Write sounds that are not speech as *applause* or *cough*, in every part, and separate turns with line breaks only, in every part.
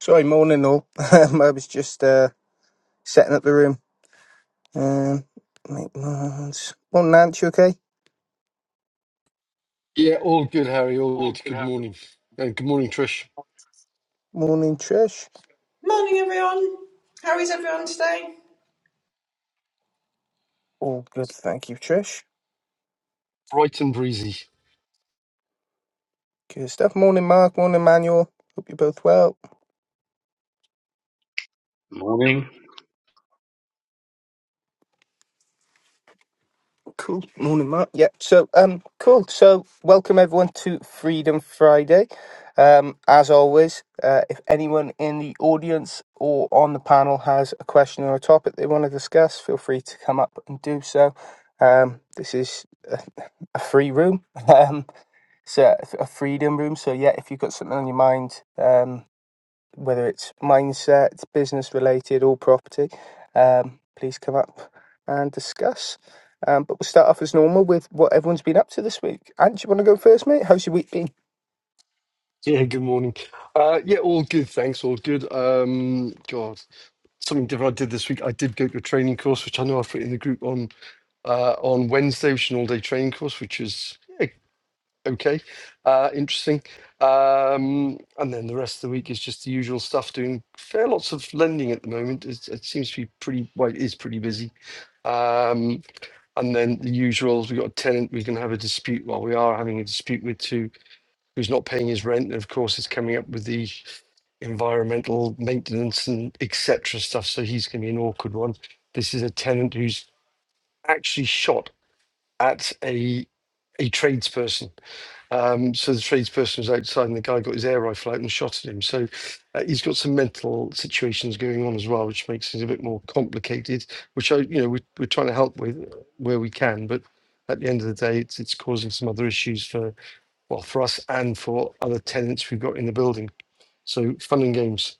Sorry, morning all. *laughs* Um, I was just uh, setting up the room. Um, make mines. Morning, Nance, you okay?
Yeah, all good, Harry. All good.
All good,
Good
how are you?
morning. And good morning, Trish.
Morning, Trish.
Morning, everyone. How is everyone today?
All good, thank you, Trish.
Bright and breezy.
Good stuff. Morning, Mark. Morning, Manuel. Hope you're both well.
Morning.
Cool. Morning, Mark. Yeah. So, um, cool. So, welcome everyone to Freedom Friday. Um, as always, uh, if anyone in the audience or on the panel has a question or a topic they want to discuss, feel free to come up and do so. Um, this is a, a free room. *laughs* Um, it's a, a freedom room. So, yeah, if you've got something on your mind, um, whether it's mindset, business related, or property, um, please come up and discuss. Um, but we'll start off as normal with what everyone's been up to this week. Ant, do you want to go first, mate? How's your week been?
Yeah, good morning. Uh, yeah, all good. Thanks. All good. Um, God, something different I did this week. I did go to a training course, which I know I've put in the group on uh, on Wednesday, which is an all day training course, which is yeah, okay, uh, interesting. Um, and then the rest of the week is just the usual stuff, doing fair lots of lending at the moment. It's, it seems to be pretty, well, it is pretty busy. Um, And then the usuals, we've got a tenant we can have a dispute, well, we are having a dispute with too, who's not paying his rent. And of course, it's coming up with the environmental maintenance and etc. stuff. So he's going to be an awkward one. This is a tenant who's actually shot at a a tradesperson. Um, so the tradesperson was outside, and the guy got his air rifle out and shot at him. So uh, he's got some mental situations going on as well, which makes it a bit more complicated. Which I, you know, we, we're trying to help with where we can, but at the end of the day, it's it's causing some other issues for well for us and for other tenants we've got in the building. So fun and games.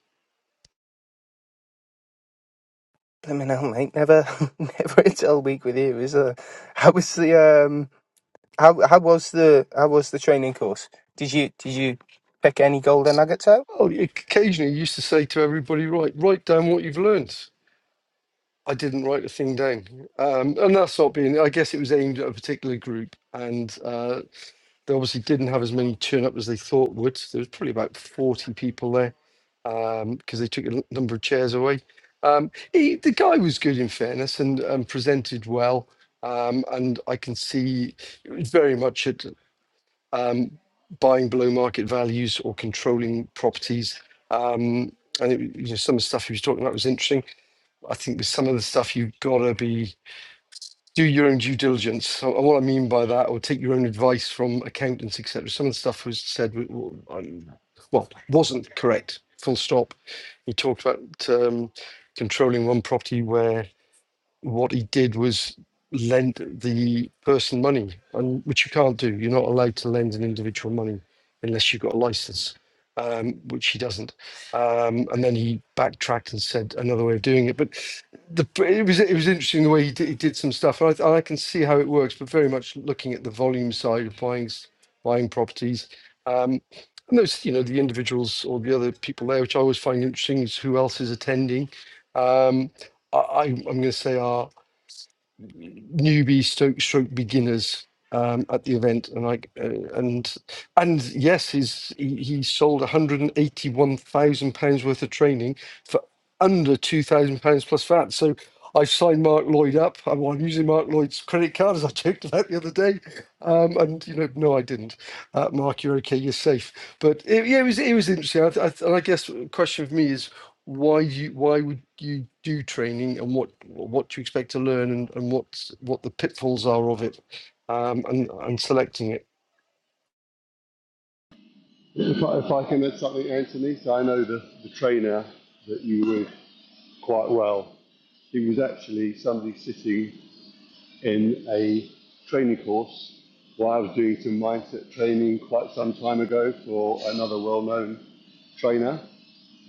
Let me know, mate. Never, *laughs* never a dull week with you, is there? How was the um? How how was the how was the training course? Did you did you pick any golden nuggets out?
Oh, you- occasionally used to say to everybody, right, write down what you've learned. I didn't write a thing down, um, and that's not being. I guess it was aimed at a particular group, and. Uh, They obviously didn't have as many turn up as they thought would. There was probably about 40 people there because they took a l- number of chairs away. Um, he, the guy was good in fairness and um, presented well. Um, and I can see it was very much at um, buying below market values or controlling properties. Um, and it, you know, some of the stuff he was talking about was interesting. I think with some of the stuff, you've got to be do your own due diligence. So, and what I mean by that, or take your own advice from accountants, etc. Some of the stuff was said, w- w- um, well, wasn't correct. Full stop. He talked about um, controlling one property where what he did was lend the person money, and which you can't do. You're not allowed to lend an individual money unless you've got a license, um, which he doesn't. Um, and then he backtracked and said another way of doing it. But the, it was it was interesting the way he did, he did some stuff, and I, and I can see how it works. But very much looking at the volume side of buying s- buying properties. Um, and those, you know, the individuals or the other people there, which I always find interesting, is who else is attending. Um, I, I, I'm going to say are newbie stroke stroke beginners um, at the event, and like uh, and and yes, he's he, he sold 181 thousand pounds worth of training for under two thousand pounds plus VAT. So I've signed Mark Lloyd up. I'm, I'm using Mark Lloyd's credit card, as I joked about the other day. Um, and you know, no, I didn't. Uh, Mark, you're okay. You're safe. But it, yeah, it was it was interesting. I, I, and I guess the question for me is why you why would you do training and what what you expect to learn and, and what what the pitfalls are of it um and and selecting it
If I, if I can add something, Anthony, so I know the, the trainer that you were quite well. He was actually somebody sitting in a training course while I was doing some mindset training quite some time ago for another well known trainer.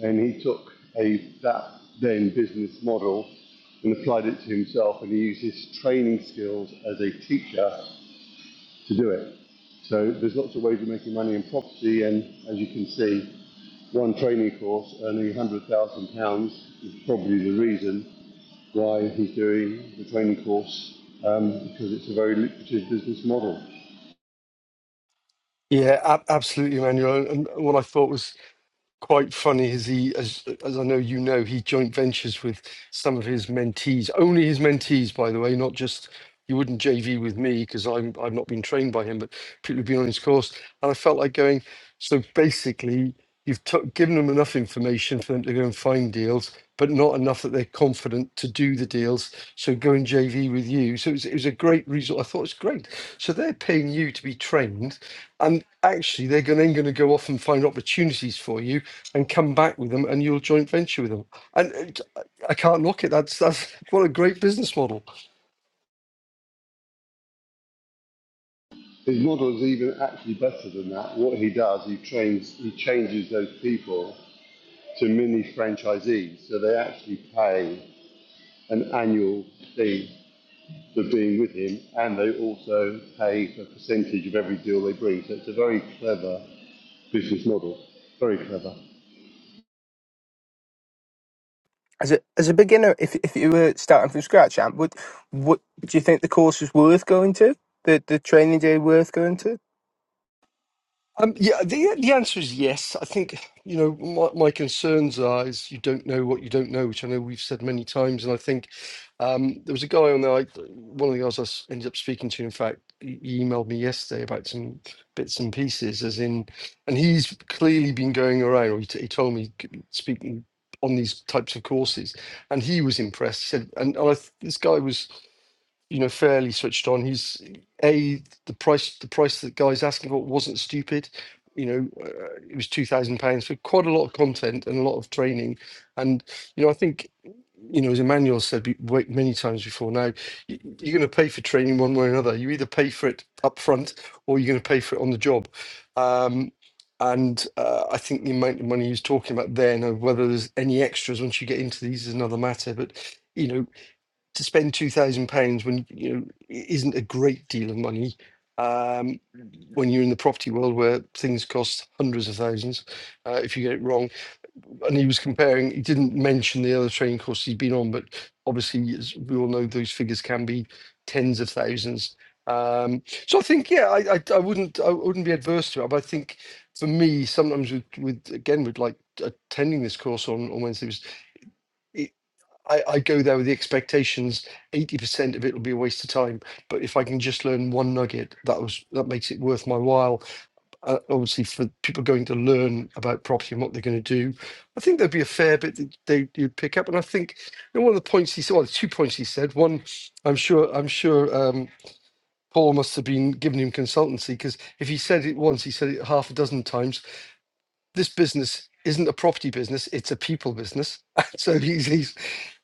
And he took a that then business model and applied it to himself, and he used his training skills as a teacher to do it. So there's lots of ways of making money in property, and as you can see, one training course earning £100,000 is probably the reason why he's doing the training course um, because it's a very lucrative business model.
yeah ab- absolutely manuel and and what i thought was quite funny is he, as as I know you know, he joint ventures with some of his mentees. Only his mentees, by the way, not just. He wouldn't JV with me because I'm I've not been trained by him, but people have been on his course, and I felt like going. So basically, you've t- given them enough information for them to go and find deals, but not enough that they're confident to do the deals. So go and JV with you. So it was, it was a great result. I thought it was great. So they're paying you to be trained and actually they're gonna, then going to go off and find opportunities for you and come back with them and you'll joint venture with them and uh, i can't knock it that's that's what a great business model
His model is even actually better than that. What he does, he trains, he changes those people to mini franchisees, so they actually pay an annual fee for being with him, and they also pay a percentage of every deal they bring. So it's a very clever business model. Very clever.
As a as a beginner, if if you were starting from scratch, Ant, would what do you think the course was worth going to? The the training day worth going to?
Um, yeah, the the answer is yes. I think you know my my concerns are is you don't know what you don't know, which I know we've said many times, and I think um, there was a guy on there. I, one of the guys I s- ended up speaking to, in fact, he he emailed me yesterday about some bits and pieces, as in, and he's clearly been going around. Or he, t- he told me c- speaking on these types of courses, and he was impressed. He said, and, and I, th- this guy was you know fairly switched on. He's a the price the price that guy's asking for wasn't stupid. You know, uh, it was two thousand pounds for quite a lot of content and a lot of training. And you know, I think you know as Emmanuel said be- wa- many times before now, y- you're going to pay for training one way or another. You either pay for it up front or you're going to pay for it on the job. Um, and uh, I think the amount of money he was talking about then, and whether there's any extras once you get into these, is another matter. But you know to spend two thousand pounds when you know i- isn't a great deal of money um, when you're in the property world where things cost hundreds of thousands uh, if you get it wrong. And he was comparing. He didn't mention the other training courses he'd been on, but obviously, as we all know, those figures can be tens of thousands. Um, so I think, yeah, I, I, I wouldn't, I wouldn't be adverse to it. But I think for me, sometimes with, with again, with like attending this course on on Wednesday was. I, I go there with the expectations 80% of it will be a waste of time. But if I can just learn one nugget, that was that makes it worth my while. Uh, obviously, for people going to learn about property and what they're going to do, I think there'd be a fair bit that they, you'd pick up. And I think you know, one of the points he said, well, two points he said. One, I'm sure, I'm sure. Um, Paul must have been giving him consultancy because if he said it once, he said it half a dozen times. This business isn't a property business; it's a people business. *laughs* so he's, he's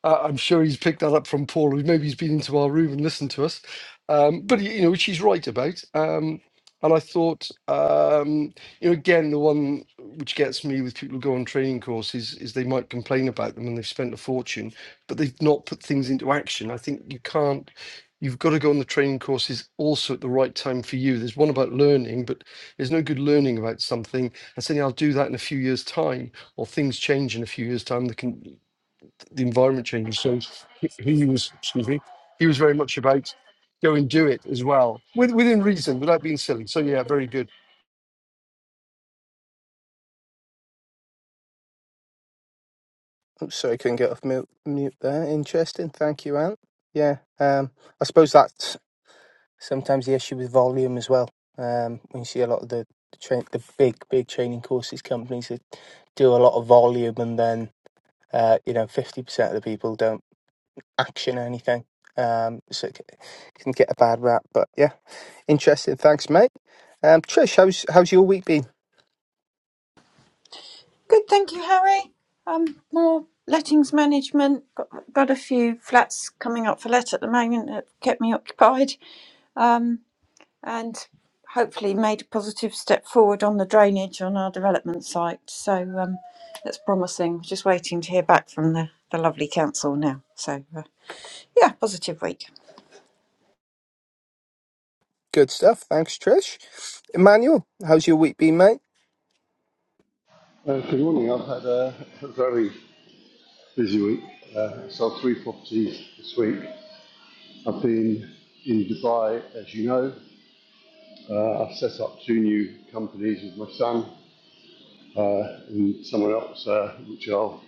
uh, I'm sure he's picked that up from Paul, who maybe he's been into our room and listened to us. Um, but you know, which he's right about. Um, and I thought, um, you know, again, the one which gets me with people who go on training courses is they might complain about them and they've spent a fortune, but they've not put things into action. I think you can't. You've got to go on the training courses also at the right time for you. There's one about learning, but there's no good learning about something and saying I'll do that in a few years' time, or things change in a few years' time. They can the environment changes. So he, he was, excuse me, he was very much about go and do it as well, with, within reason, without being silly. So yeah, very good.
Oh, sorry, couldn't get off mute, mute there. Interesting. Thank you, Ant. Yeah, um, I suppose that's sometimes the issue with volume as well. Um, when you see a lot of the the, tra- the big, big training courses companies that do a lot of volume, and then uh, you know, fifty percent of the people don't. action or anything. Um, so it c- can get a bad rap, but yeah, interesting. Thanks, mate. Um, Trish, how's how's your week been?
Good, thank you, Harry. Um, more lettings management. Got, got a few flats coming up for let at the moment that kept me occupied. Um, and hopefully made a positive step forward on the drainage on our development site. So um, that's promising. Just waiting to hear back from the, the lovely council now. So uh, yeah, positive week.
Good stuff. Thanks, Trish. Emmanuel, how's your week been, mate?
Uh, good morning. I've had a very busy week. Uh, sold three properties this week. I've been in Dubai, as you know. Uh, I've set up two new companies with my son uh, and someone else, uh, which I'll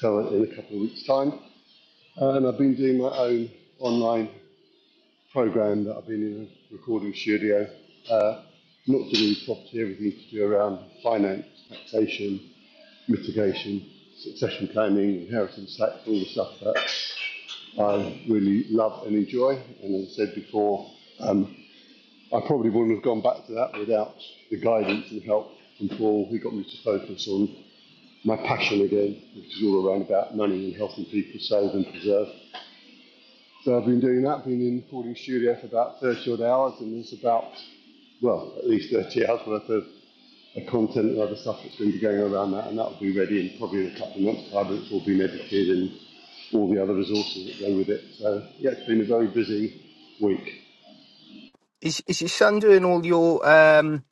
tell in a couple of weeks' time. And I've been doing my own online program that I've been in a recording studio, uh, not to do with property, everything to do around finance, taxation, mitigation, succession planning, inheritance tax, all the stuff that I really love and enjoy. And as I said before, um, I probably wouldn't have gone back to that without the guidance and help from Paul, who got me to focus on my passion again, which is all around about money and helping people save and preserve. So I've been doing that, been in the recording studio for about 30 odd hours, and there's about, well, at least 30 hours worth of content and other stuff that's going to be going around that, and that will be ready in probably in a couple of months' time, and it's all been edited and all the other resources that go with it. So, yeah, it's been a very busy week.
Is is your son doing all your um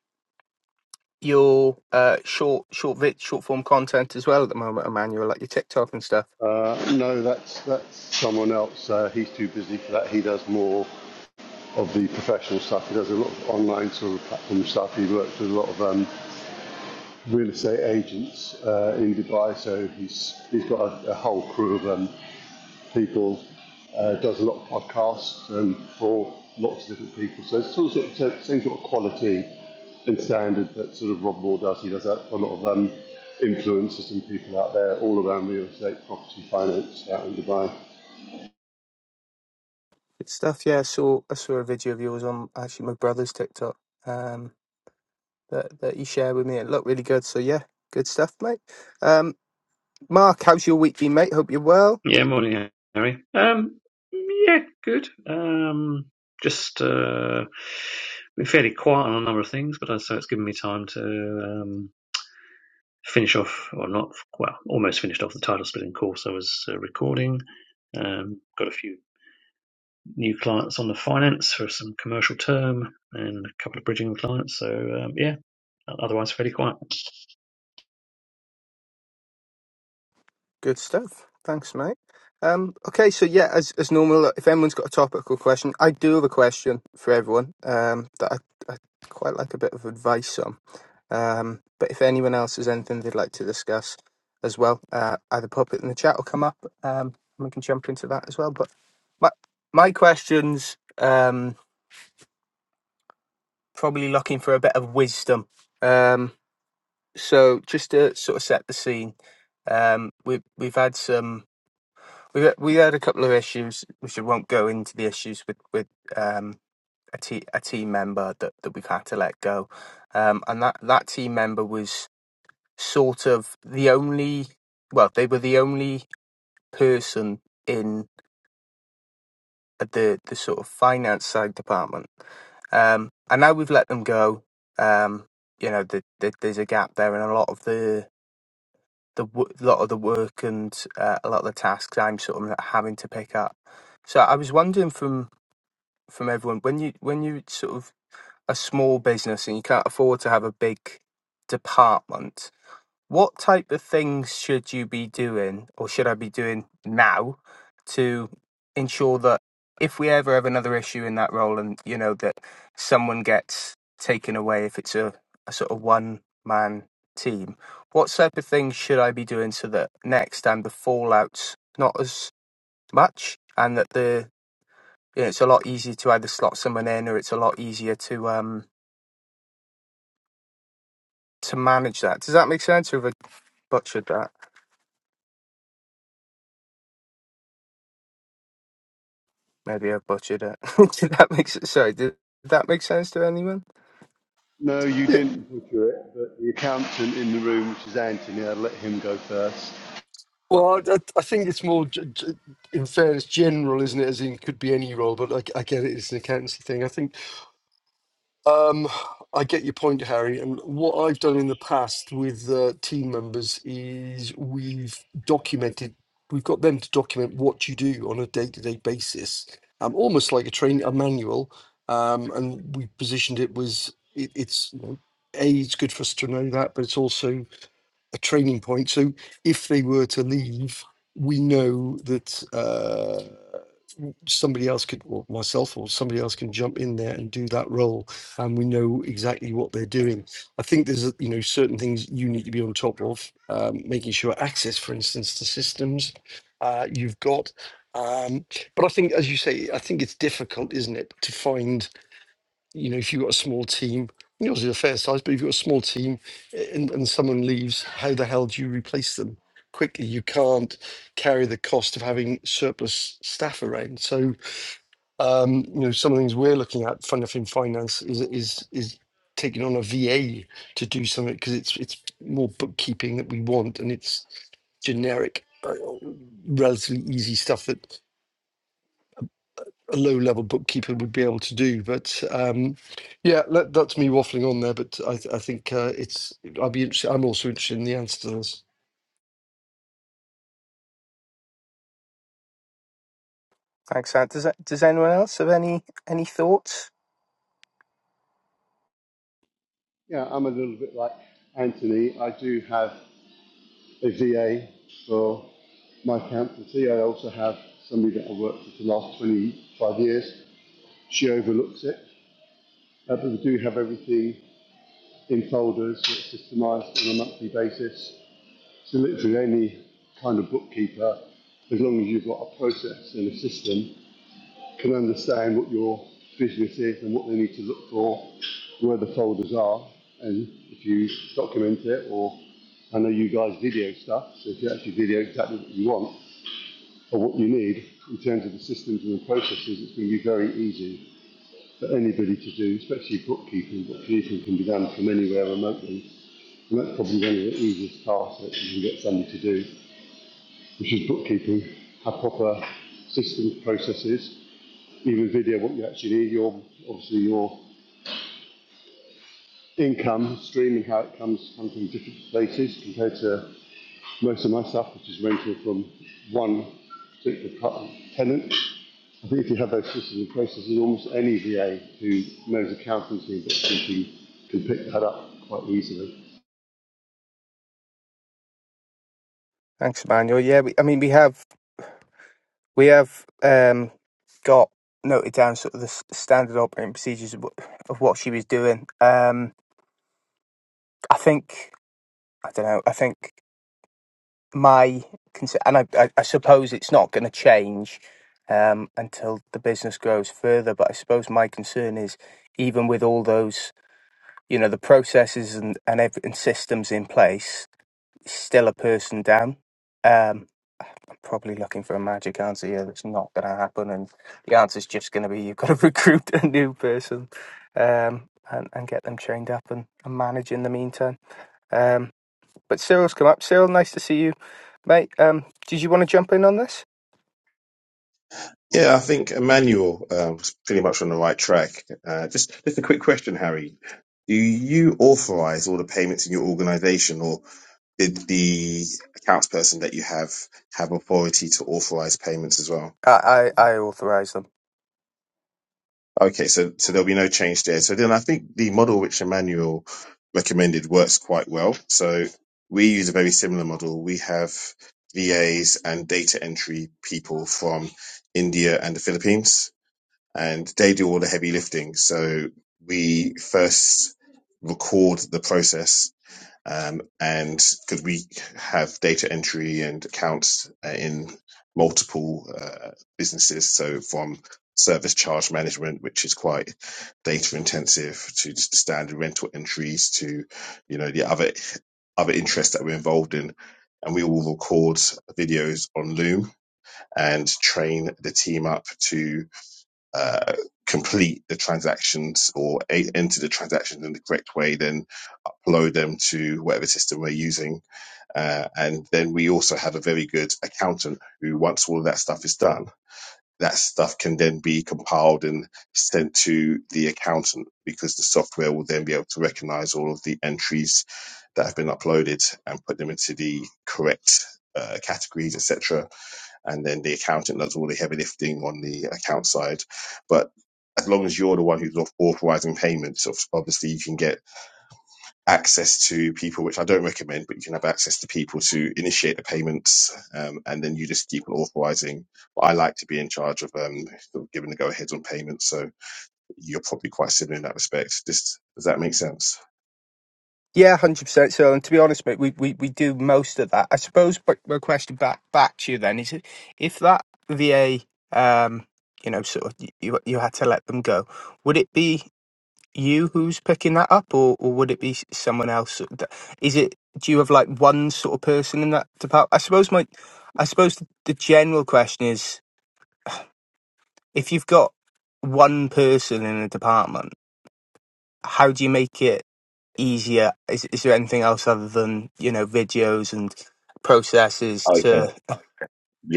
your uh short short vid short form content as well at the moment, Emmanuel, like your TikTok and stuff?
Uh, no, that's that's someone else. Uh, he's too busy for that. He does more of the professional stuff. He does a lot of online sort of platform stuff. He works with a lot of um, real estate agents uh, in Dubai, so he's he's got a, a whole crew of um, people. Uh, does a lot of podcasts um, for lots of different people. So it's sort of, sort of same sort of quality and standard that sort of Rob Moore does. He does that for a lot of um, influencers and people out there all around real estate, property, finance out in Dubai.
Good stuff. Yeah, I saw I saw a video of yours on actually my brother's TikTok um that that you shared with me. It looked really good. So yeah, good stuff, mate. Um, Mark, how's your week been, mate? Hope you're well.
Yeah, morning, Harry. Um, yeah, good. Um, just uh, been fairly quiet on a number of things, but I so it's given me time to um, finish off, or not, well, almost finished off the title splitting course I was uh, recording. Um, got a few new clients on the finance for some commercial term and a couple of bridging clients. So um, yeah, otherwise fairly quiet.
Good stuff. Thanks, mate. Um, okay, so yeah, as as normal, look, if anyone's got a topical question, I do have a question for everyone um, that I, I quite like a bit of advice on. Um, but if anyone else has anything they'd like to discuss as well, uh, either pop it in the chat or come up, um, and we can jump into that as well. But my my questions um, probably looking for a bit of wisdom. Um, so just to sort of set the scene, um, we've we've had some we've had- we had a couple of issues which I won't go into the issues with with um, a, te- a team member that, that we've had to let go, um, and that that team member was sort of the only well they were the only person in the the sort of finance side department, um, and now we've let them go. Um, you know, the, the, there's a gap there in a lot of the the w- lot of the work and uh, a lot of the tasks I'm sort of having to pick up. So I was wondering from from everyone when you when you sort of a small business and you can't afford to have a big department, what type of things should you be doing or should I be doing now to ensure that if we ever have another issue in that role and you know that someone gets taken away if it's a, a sort of one man team, what type of things should I be doing so that next time the fallout's not as much and that the you know, it's a lot easier to either slot someone in or it's a lot easier to um to manage that. Does that make sense or have I butchered that? Maybe I butchered it. *laughs* did that make sense? Sorry, did that make sense to anyone?
No, you
Yeah,
didn't butcher it, but the accountant in the room, which is Anthony, I'll let him go first.
well, I, I I think it's more, g- g- in fairness, general, isn't it? As in, could be any role, but I, I get it. It's an accountancy thing. I think Um, I get your point, Harry. And what I've done in the past with uh, team members is we've documented, we've got them to document what you do on a day-to-day basis, um, almost like a train, a manual. Um, and we positioned it was it, it's you know, a it's good for us to know that, but it's also a training point. So if they were to leave, we know that. Uh, somebody else could, or myself or somebody else can jump in there and do that role, and we know exactly what they're doing. I think there's, a- you know, certain things you need to be on top of, um, making sure access, for instance, to systems uh, you've got. Um, but I think, as you say, I think it's difficult, isn't it, to find, you know, if you've got a small team, you know, it's a fair size, but if you've got a small team eh, and, and someone leaves, how the hell do you replace them? Quickly, you can't carry the cost of having surplus staff around. So, um, you know, some of the things we're looking at, fund in finance, is is is taking on a VA to do something because it's it's more bookkeeping that we want, and it's generic, uh, relatively easy stuff that a low level bookkeeper would be able to do. But um, yeah, that, that's me waffling on there. But I, th- I think uh, it's i will be interested. I'm also interested in the answer to this.
Thanks, Ant. Does that, does anyone else have any any thoughts?
Yeah, I'm a little bit like Anthony. I do have a VA for my accountancy. I also have somebody that I worked with for the last 25 years. She overlooks it. Uh, but we do have everything in folders that's systemized on a monthly basis. So literally any kind of bookkeeper, as long as you've got a process and a system, can understand what your business is and what they need to look for, where the folders are, and if you document it, or I know you guys video stuff, so if you actually video exactly what you want or what you need in terms of the systems and the processes, it's going to be very easy for anybody to do, especially bookkeeping. Bookkeeping can be done from anywhere remotely, and that's probably one of the easiest tasks that you can get somebody to do, which is bookkeeping, have proper systems, processes, even video what you actually need, your obviously your income stream and how it comes, comes from different places compared to most of my stuff, which is rental from one particular tenant. I think if you have those systems in place, there's almost any VA who knows accountancy and bookkeeping can pick that up quite easily.
Thanks, Emmanuel. Yeah, we, I mean we have we have um got noted down sort of the s- standard operating procedures of, wh- of what she was doing. Um, I think I don't know. I think my concern, and I, I, I suppose it's not going to change um until the business grows further. But I suppose my concern is even with all those you know the processes and and, ev- and systems in place is still a person down um i'm probably looking for a magic answer here that's not going to happen and the answer's just going to be you've got to *laughs* recruit a new person um and, and get them trained up and, and manage in the meantime um but cyril's come up cyril nice to see you mate um did you want to jump in on this
Yeah, I think Emmanuel um, was pretty much on the right track. Uh, just, just a quick question, Harry. Do you authorize all the payments in your organization, or did the accounts person that you have have authority to authorize payments as well?
i i, I authorize them
Okay, so so there'll be no change there. So then I think the model which Emmanuel recommended works quite well. So we use a very similar model. We have VAs and data entry people from India and the Philippines and they do all the heavy lifting. So we first record the process, um, and because we have data entry and accounts uh, in multiple uh, businesses, so from service charge management, which is quite data intensive, to just the standard rental entries, to you know the other other interests that we're involved in. And we will record videos on Loom and train the team up to uh, complete the transactions or a- enter the transactions in the correct way, then upload them to whatever system we're using. Uh, and then we also have a very good accountant who, once all of that stuff is done, that stuff can then be compiled and sent to the accountant because the software will then be able to recognize all of the entries that have been uploaded and put them into the correct uh, categories, etc and then the accountant does all the heavy lifting on the account side. But as long as you're the one who's authorizing payments, ob- obviously you can get access to people, which I don't recommend, but you can have access to people to initiate the payments, um, and then you just keep on authorizing. But I like to be in charge of um, sort of giving the go ahead on payments, so you're probably quite similar in that respect. Just, does that make sense?
Yeah, hundred percent. So, and to be honest, mate, we, we, we do most of that. I suppose. But my question back back to you then is, if if that VA, um, you know, sort of y- you you had to let them go, would it be you who's picking that up, or, or would it be s- someone else? sort of that- Is it? Do you have like one sort of person in that department? I suppose my, I suppose the, the general question is, if you've got one person in a department, how do you make it? easier? Is, is there anything else other than you know videos and processes
Okay.
to,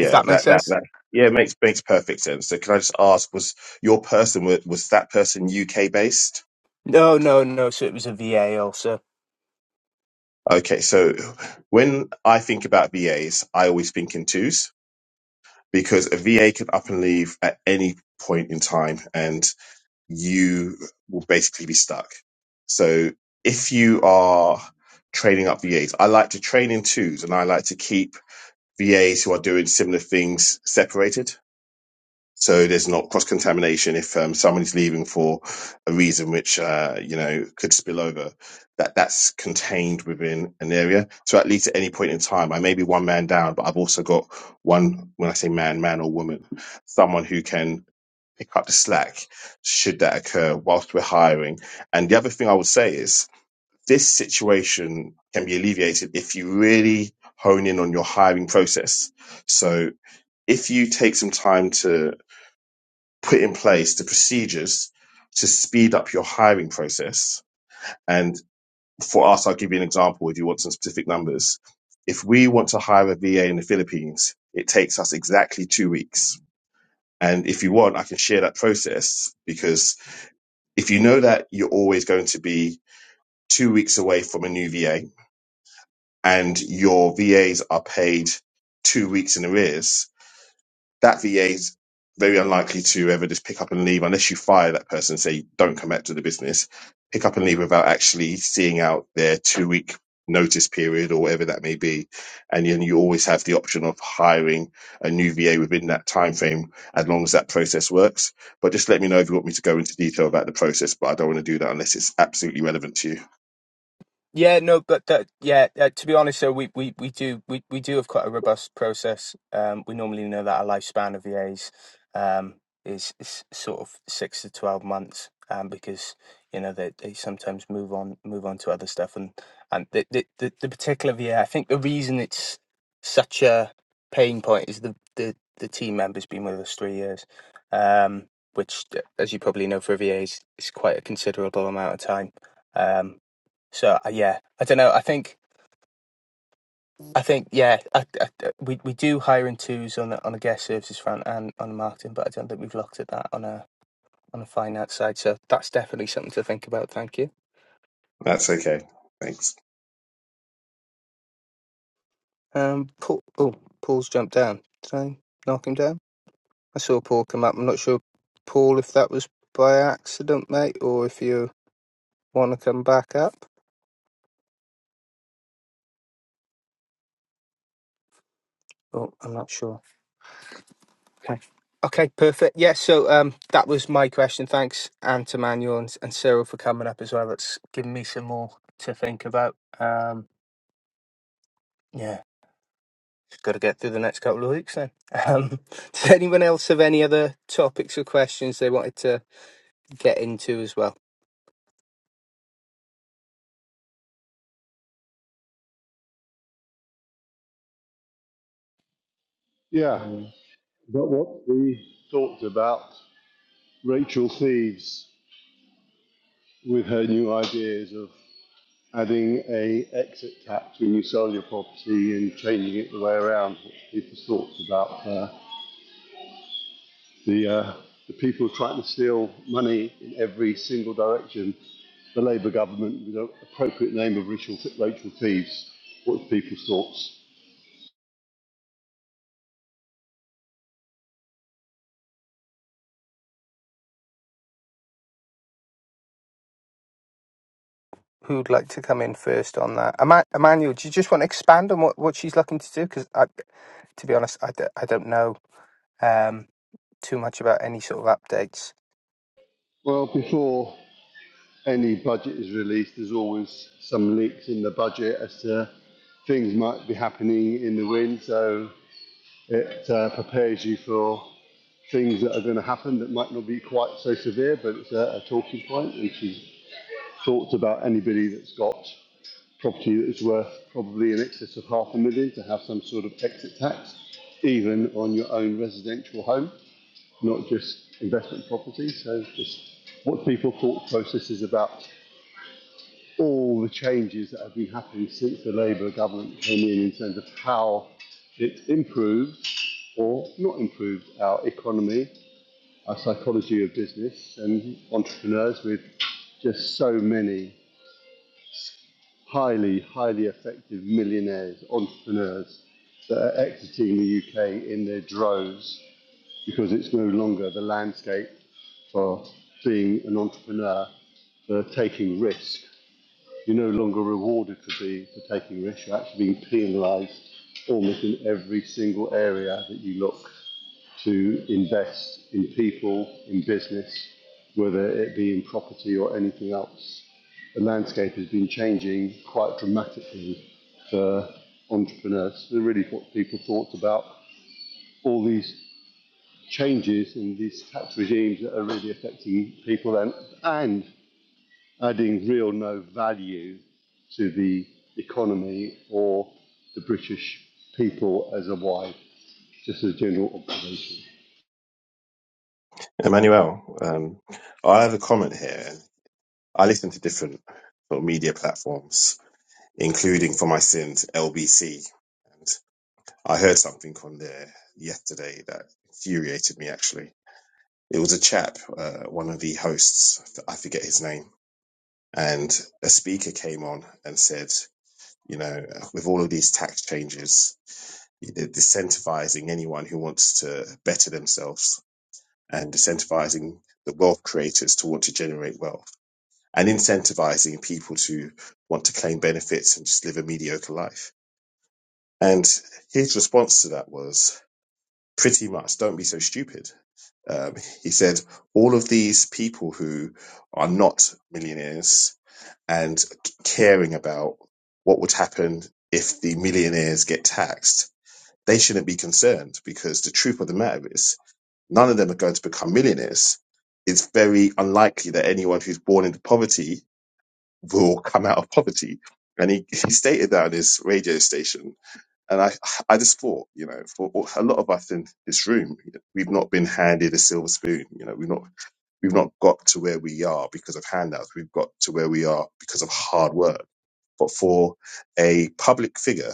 if that makes
that that
sense?
that. Yeah, it makes makes perfect sense. So, can I just ask, was your person was, was that person UK based?
No, no, no. So it was a V A also.
Okay, so when I think about VAs, I always think in twos because a VA can up and leave at any point in time and you will basically be stuck. So if you are training up VAs, I like to train in twos and I like to keep VAs who are doing similar things separated so there's not cross contamination if um, someone's leaving for a reason which uh, you know could spill over that that's contained within an area so at least at any point in time i may be one man down but i've also got one when i say man man or woman someone who can pick up the slack should that occur whilst we're hiring and the other thing i would say is this situation can be alleviated if you really hone in on your hiring process so if you take some time to put in place the procedures to speed up your hiring process. And for us, I'll give you an example if you want some specific numbers. If we want to hire a VA in the Philippines, it takes us exactly two weeks. And if you want, I can share that process because if you know that you're always going to be two weeks away from a new VA and your VAs are paid two weeks in arrears, that VA is very unlikely to ever just pick up and leave unless you fire that person and say, don't come back to the business, pick up and leave without actually seeing out their two week notice period or whatever that may be. And then you always have the option of hiring a new VA within that time frame as long as that process works. But just let me know if you want me to go into detail about the process, but I don't want to do that unless it's absolutely relevant to you.
Yeah, no, but that, yeah, uh, to be honest, so we, we, we do we, we do have quite a robust process. Um, we normally know that our lifespan of EAs um, is, is sort of six to twelve months, um, because you know they, they sometimes move on move on to other stuff, and and the the, the, the particular VA, I think the reason it's such a pain point is the the, the team member's been with us three years, um, which, as you probably know, for VAs is is quite a considerable amount of time. Um, so uh, yeah, I don't know. I think I think yeah, I, I, we we do hire in twos on the, on the guest services front and on the marketing, but I don't think we've looked at that on a on a finance side. So that's definitely something to think about. Thank you.
That's okay. Thanks.
Um, Paul, oh, Paul's jumped down. Did I knock him down? I saw Paul come up. I'm not sure, Paul, if that was by accident, mate, or if you want to come back up. Oh, I'm not sure. Okay. Okay, perfect. Yeah, so um, that was my question. Thanks, and to Manuel and, and Cyril for coming up as well. That's given me some more to think about. Um, yeah, got to get through the next couple of weeks then. Um, *laughs* does anyone else have any other topics or questions they wanted to get into as well?
Yeah,
Um,
but what we talked about, Rachel Thieves with her new ideas of adding a exit tax when you sell your property and changing it the way around. What people's thoughts about uh, The, uh, the people trying to steal money in every single direction. The Labour government with the appropriate name of Rachel, Rachel Thieves. What's people's thoughts?
Who'd like to come in first on that? Eman- Emmanuel, do you just want to expand on what, what she's looking to do? Because to be honest, I, d- I don't know um, too much about any sort of updates.
Well, before any budget is released, there's always some leaks in the budget as to things might be happening in the wind. So it uh, prepares you for things that are going to happen that might not be quite so severe, but it's a, a talking point, which is thoughts about anybody that's got property that is worth probably in excess of half a million to have some sort of exit tax, even on your own residential home, not just investment property. So just what people thought process is about all the changes that have been happening since the Labour government came in in terms of how it improved or not improved our economy, our psychology of business and entrepreneurs with just so many highly, highly effective millionaires, entrepreneurs that are exiting the UK in their droves because it's no longer the landscape for being an entrepreneur, for taking risk. You're no longer rewarded for being for taking risk. You're actually being penalised almost in every single area that you look to invest in people, in business, whether it be in property or anything else the landscape has been changing quite dramatically for entrepreneurs. So really what people thought about all these changes in these tax regimes that are really affecting people and, and adding real no value to the economy or the British people as a wide, just as a general observation.
Emmanuel, um, I have a comment here. I listen to different sort of media platforms, including for my sins, LBC. I heard something on there yesterday that infuriated me. Actually, it was a chap, uh, one of the hosts. I forget his name, and a speaker came on and said, you know, with all of these tax changes, they're disincentivizing anyone who wants to better themselves and disincentivizing the wealth creators to want to generate wealth and incentivizing people to want to claim benefits and just live a mediocre life. And his response to that was pretty much, don't be so stupid Um, he said all of these people who are not millionaires and caring about what would happen if the millionaires get taxed, they shouldn't be concerned because the truth of the matter is none of them are going to become millionaires. It's very unlikely that anyone who's born into poverty will come out of poverty. And he, he stated that on his radio station. And I, I just thought, you know, for a lot of us in this room, we've not been handed a silver spoon. You know, we've not We've not got to where we are because of handouts. We've got to where we are because of hard work. But for a public figure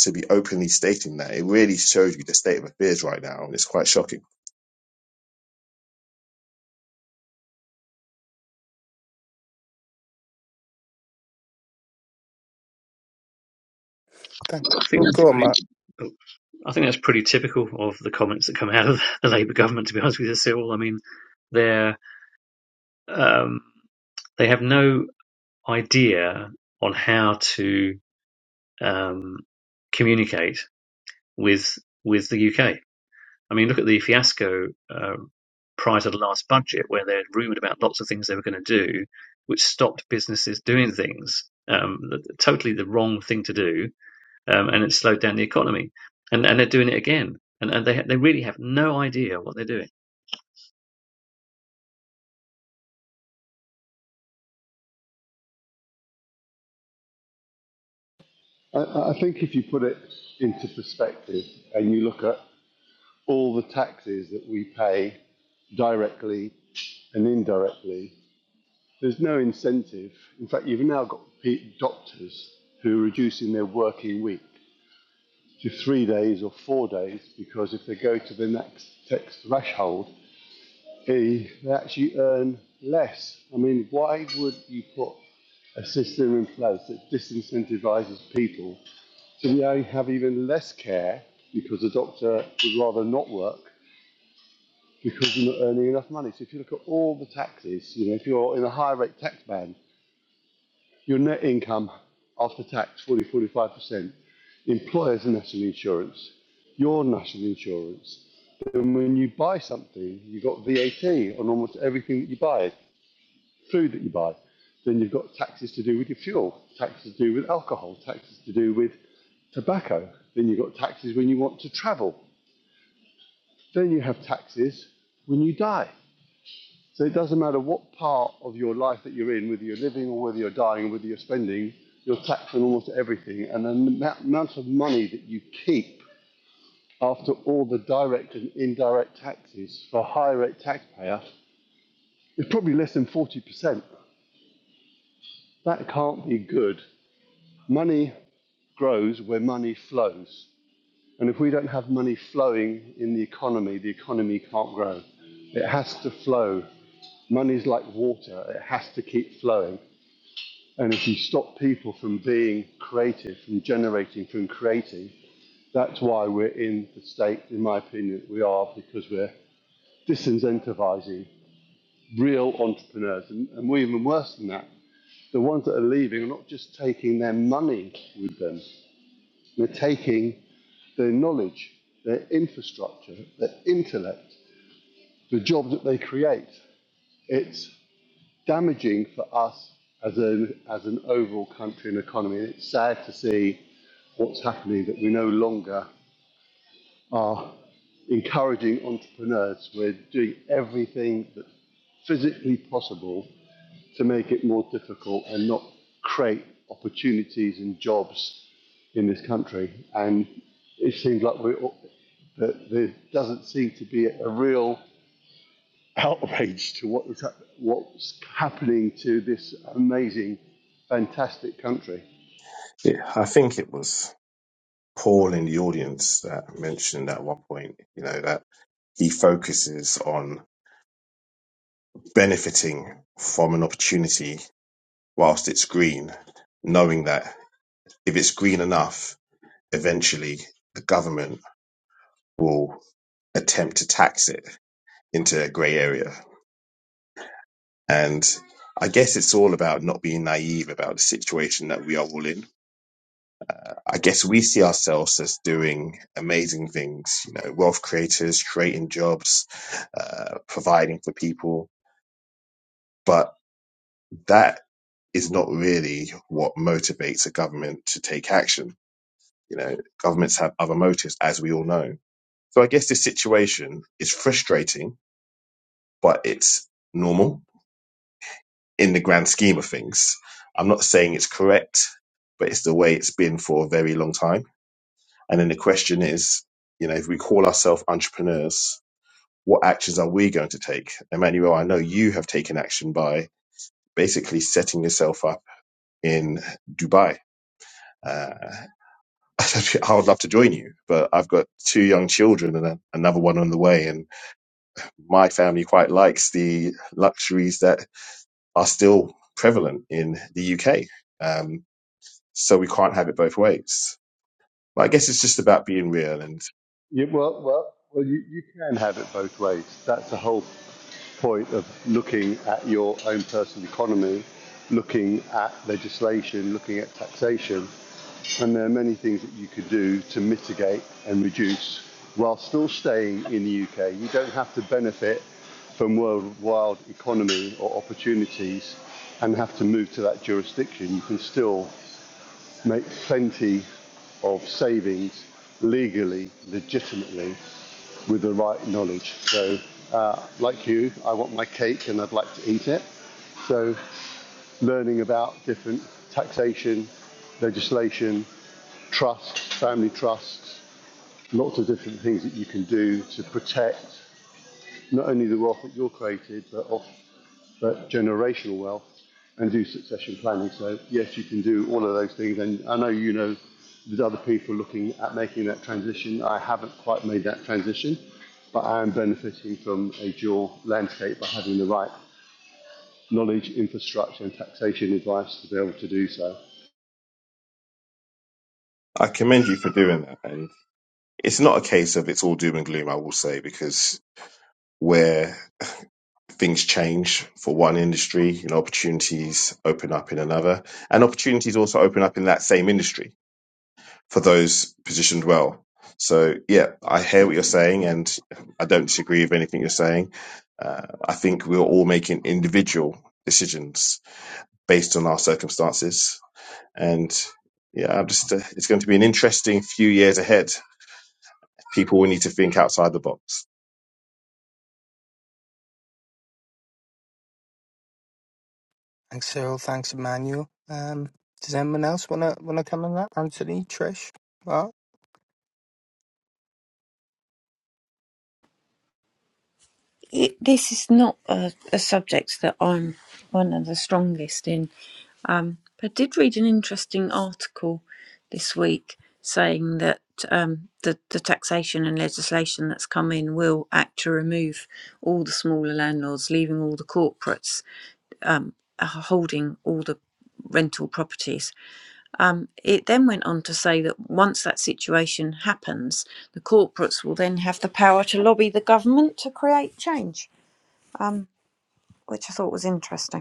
to be openly stating that, it really shows you the state of affairs right now. And it's quite shocking.
Thank-
I think that's
Go
pretty.
on,
oh, I think that's pretty typical of the comments that come out of the Labour government. To be honest with you, Cyril, I mean, they're um, they have no idea on how to um, communicate with with the UK. I mean, look at the fiasco uh, prior to the last budget, where they are rumoured about lots of things they were going to do, which stopped businesses doing things. Um, totally the wrong thing to do um, and it's slowed down the economy. And and they're doing it again, and and they they really have no idea what they're doing.
I I think if you put it into perspective and you look at all the taxes that we pay directly and indirectly There's no incentive. In fact, you've now got doctors who are reducing their working week to three days or four days because if they go to the next tax threshold, eh, they actually earn less. I mean, why would you put a system in place that disincentivises people to now have even less care because the doctor would rather not work because you're not earning enough money? So if you look at all the taxes, you know, if you're in a high rate tax band, Your net income after tax, 40 45%. Employers national insurance. Your national insurance. And when you buy something, you've got VAT on almost everything that you buy, food that you buy. Then you've got taxes to do with your fuel, taxes to do with alcohol, taxes to do with tobacco. Then you've got taxes when you want to travel. Then you have taxes when you die. So it doesn't matter what part of your life that you're in, whether you're living or whether you're dying or whether you're spending, you're taxed on almost everything. And the amount of money that you keep after all the direct and indirect taxes for a high rate taxpayer is probably less than 40%. That can't be good. Money grows where money flows. And if we don't have money flowing in the economy, the economy can't grow. It has to flow. Money's like water, it has to keep flowing. And if you stop people from being creative, from generating, from creating, that's why we're in the state, in my opinion, we are, because we're disincentivizing real entrepreneurs. And, and we're even worse than that. The ones that are leaving are not just taking their money with them, they're taking their knowledge, their infrastructure, their intellect, the jobs that they create. It's damaging for us as an, as an overall country and economy. And it's sad to see what's happening that we no longer are encouraging entrepreneurs. We're doing everything that's physically possible to make it more difficult and not create opportunities and jobs in this country. And it seems like we that there doesn't seem to be a real outrage to what is what's happening to this amazing, fantastic country.
Yeah, I think it was Paul in the audience that mentioned at one point, you know, that he focuses on benefiting from an opportunity whilst it's green, knowing that if it's green enough, eventually the government will attempt to tax it into a grey area. And I guess it's all about not being naive about the situation that we are all in. I guess we see ourselves as doing amazing things, you know, wealth creators, creating jobs, uh, providing for people. But that is not really what motivates a government to take action. You know, governments have other motives, as we all know. So I guess this situation is frustrating, but it's normal in the grand scheme of things. I'm not saying it's correct, but it's the way it's been for a very long time. And then the question is, you know, if we call ourselves entrepreneurs, what actions are we going to take? Emmanuel, I know you have taken action by basically setting yourself up in Dubai. Uh, *laughs* I would love to join you, but I've got two young children and a, another one on the way, and my family quite likes the luxuries that are still prevalent in the UK. Um, So we can't have it both ways. But I guess it's just about being real and
You, well, well, well you, you can have it both ways. That's the whole point of looking at your own personal economy, looking at legislation, looking at taxation. And there are many things that you could do to mitigate and reduce while still staying in the UK. You don't have to benefit from worldwide economy or opportunities and have to move to that jurisdiction. You can still make plenty of savings legally, legitimately, with the right knowledge. So, uh, like you, I want my cake and I'd like to eat it. So, learning about different taxation, legislation, trust, family trusts, lots of different things that you can do to protect not only the wealth that you're created, but but generational wealth and do succession planning. So yes, you can do all of those things. And I know you know there's other people looking at making that transition. I haven't quite made that transition, but I am benefiting from a dual landscape by having the right knowledge, infrastructure, and taxation advice to be able to do so.
I commend you for doing that. And it's not a case of it's all doom and gloom, I will say, because where things change for one industry, you know, opportunities open up in another and opportunities also open up in that same industry for those positioned well. So yeah, I hear what you're saying and I don't disagree with anything you're saying. Uh, I think we're all making individual decisions based on our circumstances And yeah, I'm just uh, it's going to be an interesting few years ahead. People will need to think outside the box.
Thanks, Cyril. Thanks, Emmanuel. Um, does anyone else want to want to come on that? Anthony, Trish, Mark,
it, this is not a, a subject that I'm one of the strongest in. Um, but I did read an interesting article this week saying that um, the, the taxation and legislation that's come in will act to remove all the smaller landlords, leaving all the corporates um, uh, holding all the rental properties. Um, it then went on to say that once that situation happens, the corporates will then have the power to lobby the government to create change um, which I thought was interesting.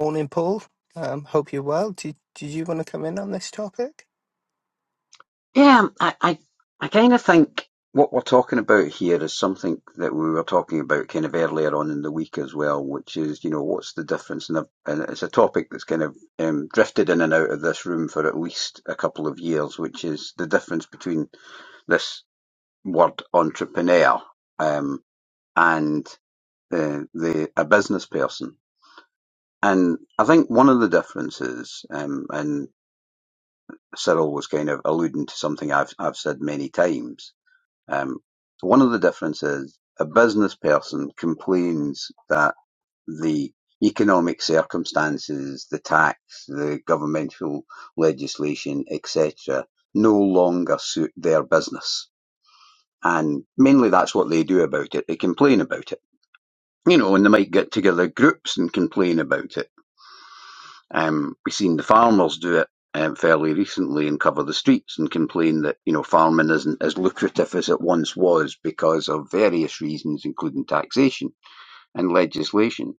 morning, Paul. Um, hope you're well. Did Did you want to come in on this topic?
Yeah, I, I, I kind of think what we're talking about here is something that we were talking about kind of earlier on in the week as well, which is, you know, what's the difference? And, I've- and it's a topic that's kind of um, drifted in and out of this room for at least a couple of years, which is the difference between this word entrepreneur um, and uh, the a business person. And I think one of the differences, um, and Cyril was kind of alluding to something I've I've said many times, Um, so one of the differences, a business person complains that the economic circumstances, the tax, the governmental legislation, etc., no longer suit their business. And mainly that's what they do about it. They complain about it. You know, and they might get together groups and complain about it um, we've seen the farmers do it um, fairly recently and cover the streets and complain that you know farming isn't as lucrative as it once was because of various reasons, including taxation and legislation.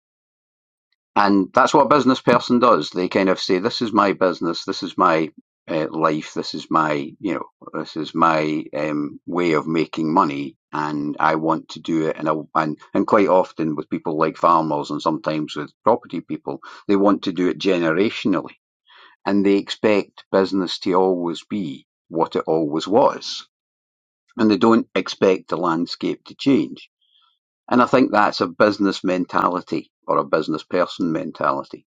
And that's what a business person does. They kind of say, "This is my business. This is my uh, life. This is my you know this is my um, way of making money." And I want to do it, and I, and and quite often with people like farmers, and sometimes with property people, they want to do it generationally and they expect business to always be what it always was. And they don't expect the landscape to change. And I think that's a business mentality or a business person mentality.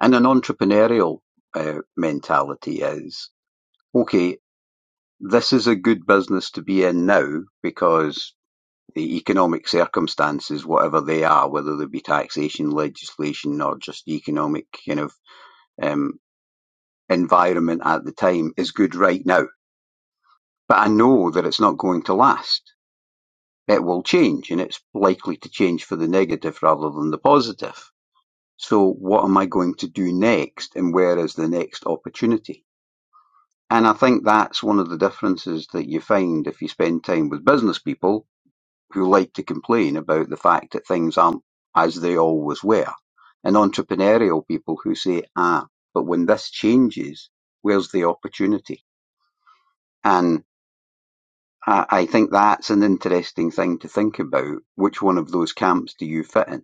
And an entrepreneurial uh, mentality is okay, this is a good business to be in now because the economic circumstances, whatever they are, whether they be taxation, legislation, or just economic kind of um, environment at the time, is good right now But I know that it's not going to last. It will change and it's likely to change for the negative rather than the positive. So what am I going to do next and where is the next opportunity? And I think that's one of the differences that you find if you spend time with business people who like to complain about the fact that things aren't as they always were and entrepreneurial people who say, ah, but when this changes, where's the opportunity? And I, I think that's an interesting thing to think about. Which one of those camps do you fit in?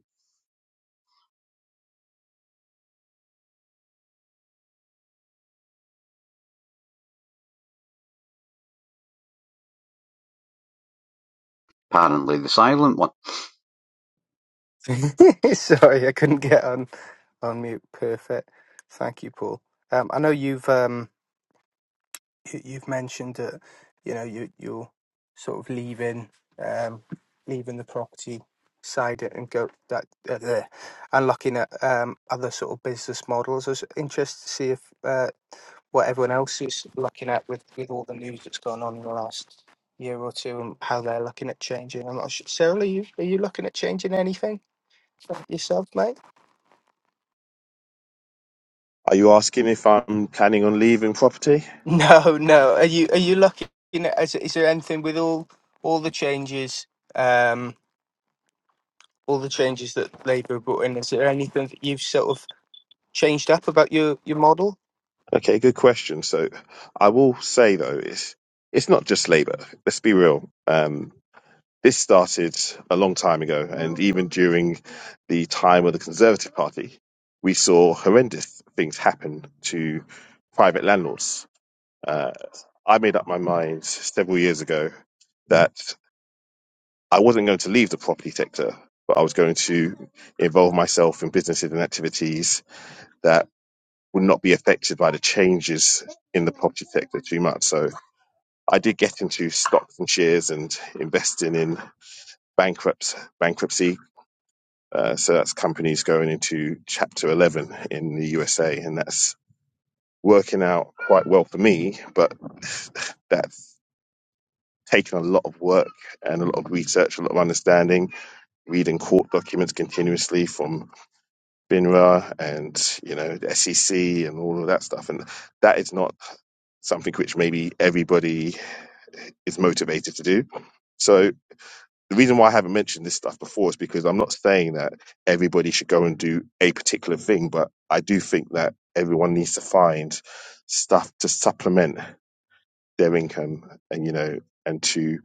Apparently, the silent one.
*laughs* Sorry, I couldn't get on on mute. Perfect. Thank you, Paul. Um, I know you've um you, you've mentioned that you know you you're sort of leaving um leaving the property side and go that uh, there and looking at um, other sort of business models. I was interested to see if uh what everyone else is looking at with, with all the news that's gone on in the last year or two and how they're looking at changing. I'm not sure. Cyril, are you are you looking at changing anything yourself, mate? *laughs*
Are you asking if I'm planning on leaving property?
No, no. Are you are you looking at is, is there anything with all all the changes, um, all the changes that Labour brought in? Is there anything that you've sort of changed up about your your model?
Okay, good question. So I will say though, it's it's not just Labour. Let's be real. Um, This started a long time ago, and even during the time of the Conservative Party, we saw horrendous things happen to private landlords. Uh, I made up my mind several years ago that I wasn't going to leave the property sector, but I was going to involve myself in businesses and activities that would not be affected by the changes in the property sector too much. So I did get into stocks and shares and investing in bankrupt bankruptcy Uh, so that's companies going into Chapter 11 in the USA, and that's working out quite well for me, but *sighs* that's taken a lot of work and a lot of research, a lot of understanding, reading court documents continuously from FINRA and you know the SEC and all of that stuff, and that is not something which maybe everybody is motivated to do. So the reason why I haven't mentioned this stuff before is because I'm not saying that everybody should go and do a particular thing, but I do think that everyone needs to find stuff to supplement their income and, you know, and to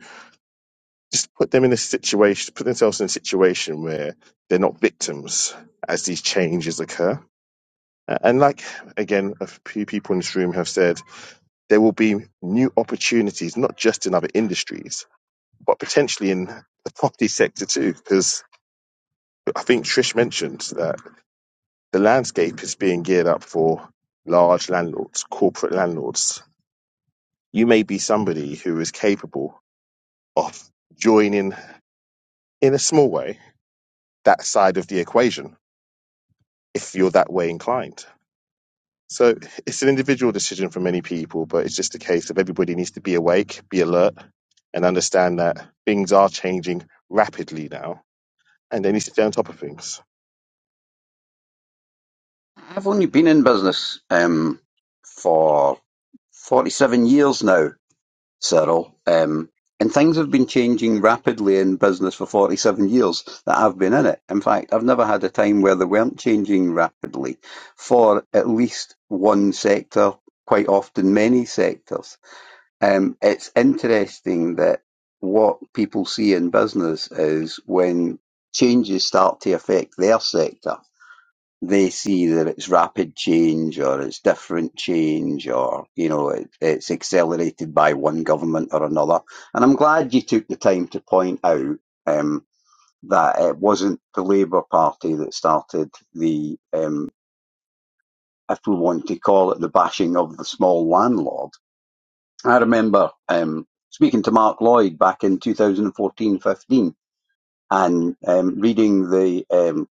just put them in a situation, put themselves in a situation where they're not victims as these changes occur. A- And like, again, a few people in this room have said, there will be new opportunities, not just in other industries, but potentially in the property sector too, because I think Trish mentioned that the landscape is being geared up for large landlords, corporate landlords. You may be somebody who is capable of joining in a small way that side of the equation if you're that way inclined. So it's an individual decision for many people, but it's just a case of everybody needs to be awake, be alert, and understand that things are changing rapidly now, and they need to stay on top of things.
I've only been in business um, for 47 years now. Cyril. Um, and things have been changing rapidly in business for 47 years that I've been in it. In fact, I've never had a time where they weren't changing rapidly for at least one sector, quite often many sectors. Um, it's interesting that what people see in business is when changes start to affect their sector they see that it's rapid change or it's different change or you know it, it's accelerated by one government or another and i'm glad you took the time to point out um, that it wasn't the labour party that started the um, if we want to call it the bashing of the small landlord i remember um, speaking to mark lloyd back in two thousand and fourteen, fifteen and um, reading the um,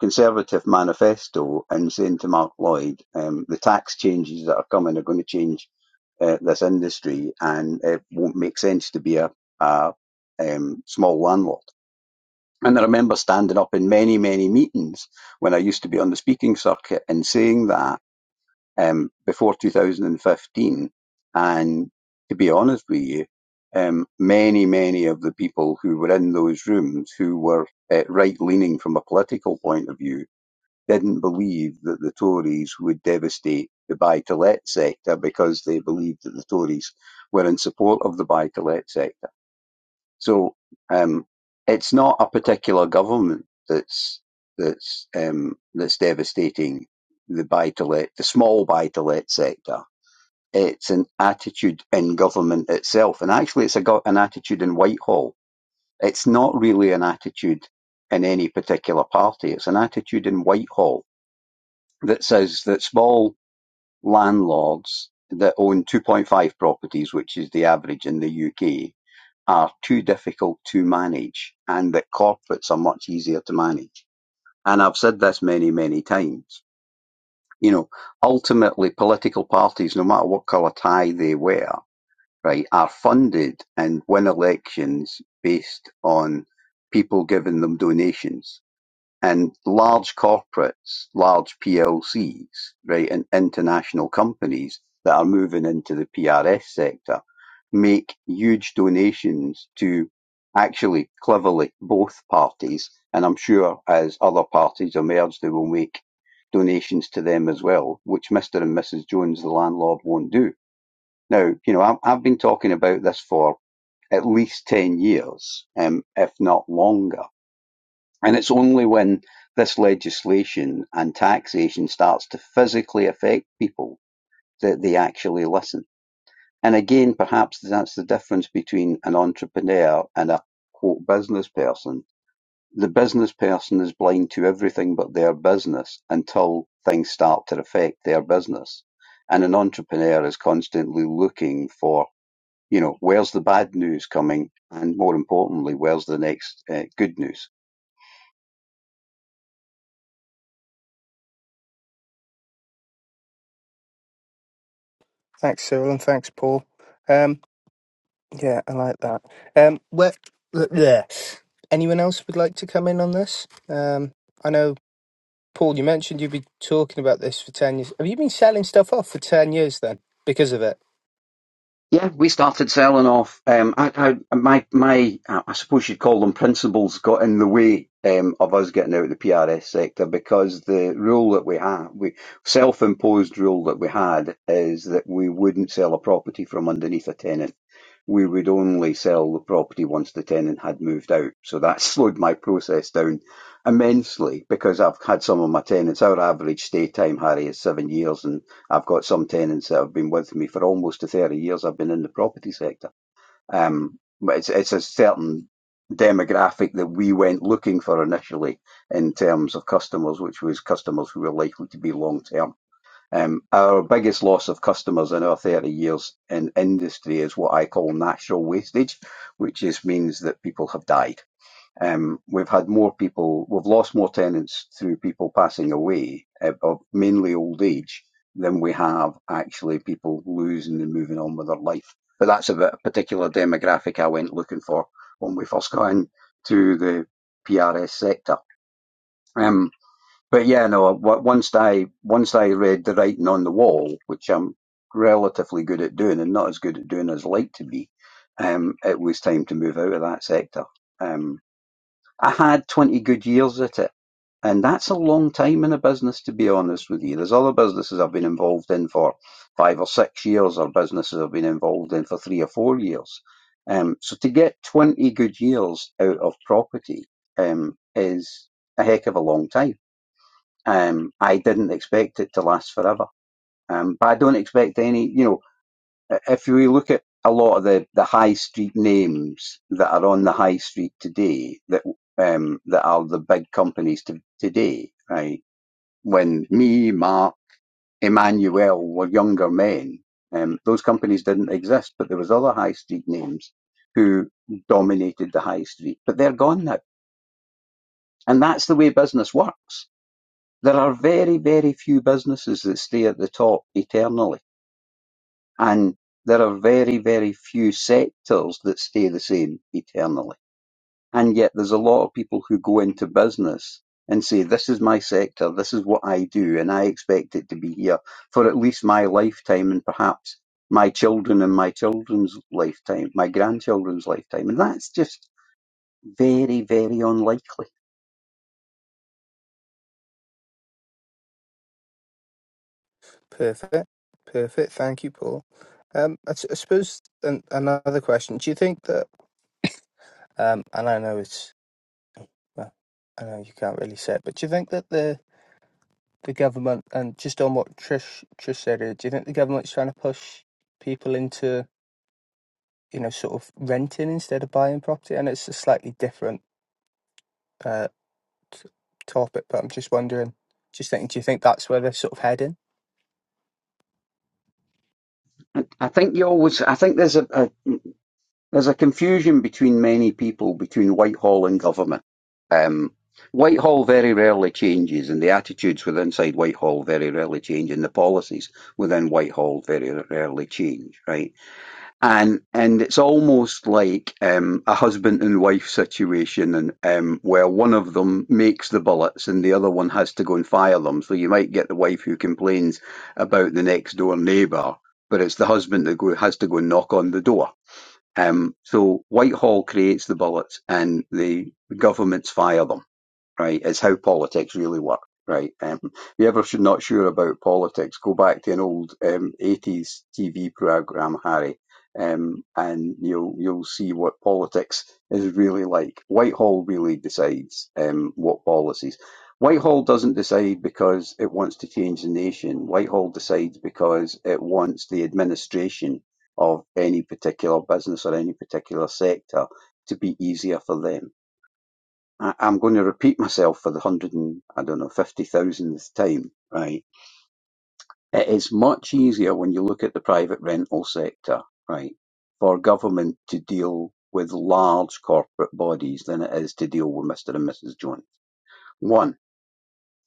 Conservative manifesto and saying to Mark Lloyd, um, the tax changes that are coming are going to change uh, this industry, and it won't make sense to be a, a um, small landlord. And I remember standing up in many, many meetings when I used to be on the speaking circuit and saying that um, before 2015. And to be honest with you, um, many, many of the people who were in those rooms who were uh, right leaning from a political point of view didn't believe that the Tories would devastate the buy to let sector because they believed that the Tories were in support of the buy to let sector. So um, it's not a particular government that's that's um, that's devastating the buy to let the small buy to let sector. It's an attitude in government itself, and actually, it's a go- an attitude in Whitehall. It's not really an attitude in any particular party. It's an attitude in Whitehall that says that small landlords that own 2.5 properties, which is the average in the UK, are too difficult to manage and that corporates are much easier to manage. And I've said this many, many times. You know, ultimately political parties, no matter what colour tie they wear, right, are funded and win elections based on people giving them donations and large corporates, large PLCs, right, and international companies that are moving into the PRS sector make huge donations to actually cleverly both parties. And I'm sure as other parties emerge, they will make donations to them as well, which Mr. and Mrs. Jones, the landlord, won't do. Now, you know, I'm- I've been talking about this for at least 10 years, um, if not longer and it's only when this legislation and taxation starts to physically affect people that they actually listen. And again, perhaps that's the difference between an entrepreneur and a quote business person. The business person is blind to everything but their business until things start to affect their business. And an entrepreneur is constantly looking for, you know, where's the bad news coming? And more importantly, where's the next uh, good news?
Thanks, Cyril, and thanks, Paul. Um, Yeah, I like that. Um, where, yeah. Anyone else would like to come in on this? Um, I know, Paul, you mentioned you've been talking about this for 10 years. Have you been selling stuff off for 10 years then because of it?
Yeah, we started selling off. Um, I, I, my, my, I suppose you'd call them principles got in the way um, of us getting out of the PRS sector because the rule that we had, we self-imposed rule that we had, is that we wouldn't sell a property from underneath a tenant. We would only sell the property once the tenant had moved out. So that *laughs* slowed my process down immensely because I've had some of my tenants. Our average stay time, Harry, is seven years, and I've got some tenants that have been with me for almost the 30 years I've been in the property sector. Um, but it's, it's a certain demographic that we went looking for initially in terms of customers, which was customers who were likely to be long term. Um, our biggest loss of customers in our 30 years in industry is what I call natural wastage, which is means that people have died um, we've had more people, we've lost more tenants through people passing away, uh, of mainly old age, than we have actually people losing and moving on with their life. But that's a, bit, a particular demographic I went looking for when we first got into the PRS sector. Um, but yeah, no. Once I once I read the writing on the wall, which I'm relatively good at doing, and not as good at doing as I'd like to be, um, it was time to move out of that sector. Um, I had 20 good years at it. And that's a long time in a business, to be honest with you. There's other businesses I've been involved in for five or six years, or businesses I've been involved in for three or four years. Um, so to get 20 good years out of property um, is a heck of a long time. Um, I didn't expect it to last forever. Um, but I don't expect any, you know, if we look at a lot of the, the high street names that are on the high street today that um, that are the big companies to, today, right? When me, Mark, Emmanuel were younger men, um, those companies didn't exist, but there was other high street names who dominated the high street, but they're gone now. And that's the way business works. There are very, very few businesses that stay at the top eternally And there are very, very few sectors that stay the same eternally. And yet there's a lot of people who go into business and say, this is my sector, this is what I do, and I expect it to be here for at least my lifetime and perhaps my children and my children's lifetime, my grandchildren's lifetime. And that's just very, very unlikely.
Perfect. Perfect. Thank you, Paul. Um, I, s- I suppose an, another question. Do you think that, um, and I know it's, well, I know you can't really say it, but do you think that the, the government, and just on what Trish, Trish said, here, do you think the government's trying to push people into you know, sort of renting instead of buying property? And it's a slightly different uh, t- topic, but I'm just wondering, just thinking, do you think that's where they're sort of heading?
I I think you always, I think there's a, There's a confusion between many people between Whitehall and government. Um, Whitehall very rarely changes, and the attitudes within inside Whitehall very rarely change, and the policies within Whitehall very rarely change, right? And and it's almost like um, a husband and wife situation, and um, where one of them makes the bullets and the other one has to go and fire them. So you might get the wife who complains about the next door neighbour, but it's the husband that go, has to go and knock on the door um, so Whitehall creates the bullets and the governments fire them right? is how politics really work, right? Um, if you ever should not sure about politics, go back to an old um, 80s TV program, Harry, um, and you'll you'll see what politics is really like. Whitehall really decides um, what policies. Whitehall doesn't decide because it wants to change the nation. Whitehall decides because it wants the administration of any particular business or any particular sector to be easier for them I, I'm going to repeat myself for the hundred and I don't know fifty thousandth time, right? It is much easier when you look at the private rental sector, right, for government to deal with large corporate bodies than it is to deal with Mr. and Mrs. Jones. One,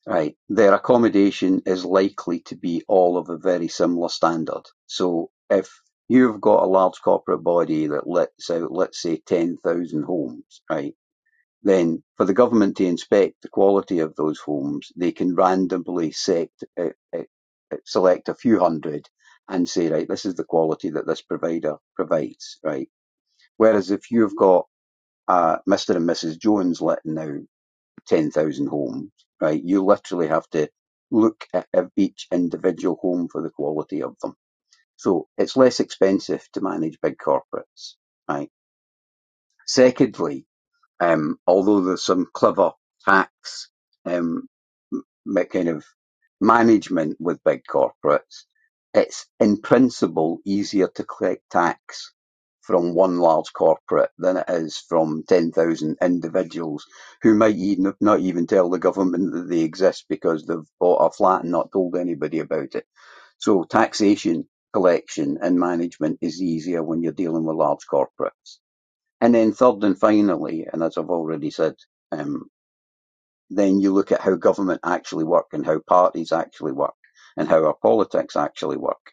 right, their accommodation is likely to be all of a very similar standard. So if you've got a large corporate body that lets out, let's say, 10,000 homes, right? Then, for the government to inspect the quality of those homes, they can randomly sect, uh, uh, uh, select a few hundred and say, right, this is the quality that this provider provides, right? Whereas if you've got uh, Mr. and Mrs. Jones letting out 10,000 homes, right, you literally have to look at each individual home for the quality of them. So it's less expensive to manage big corporates, right? Secondly, um, although there's some clever tax um, ma- kind of management with big corporates, it's in principle easier to collect tax from one large corporate than it is from 10,000 individuals who might even, not even tell the government that they exist because they've bought a flat and not told anybody about it. So taxation, collection and management is easier when you're dealing with large corporates. And then third and finally, and as I've already said, um, then you look at how government actually work and how parties actually work and how our politics actually work.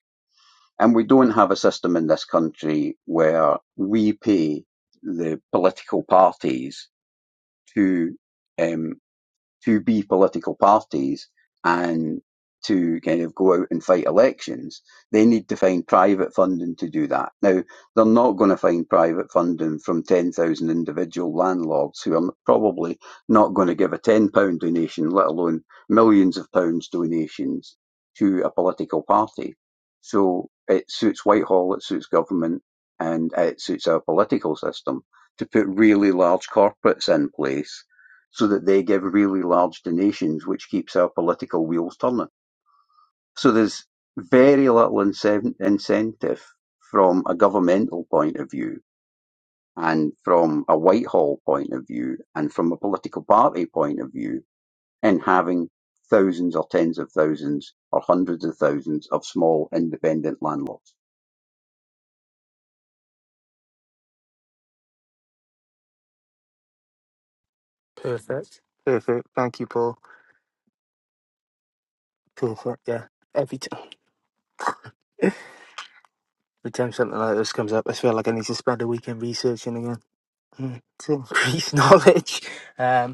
And we don't have a system in this country where we pay the political parties to um, to be political parties and to kind of go out and fight elections, they need to find private funding to do that. Now, they're not going to find private funding from 10,000 individual landlords who are probably not going to give a £10 donation, let alone millions of pounds donations to a political party. So it suits Whitehall, it suits government, and it suits our political system to put really large corporates in place so that they give really large donations, which keeps our political wheels turning. So there's very little incentive from a governmental point of view and from a Whitehall point of view and from a political party point of view in having thousands or tens of thousands or hundreds of thousands of small independent landlords.
Perfect. Perfect. Thank you, Paul. Perfect. Yeah. Every time, *laughs* every time something like this comes up, I feel like I need to spend a weekend researching again mm, to increase *laughs* knowledge. Um,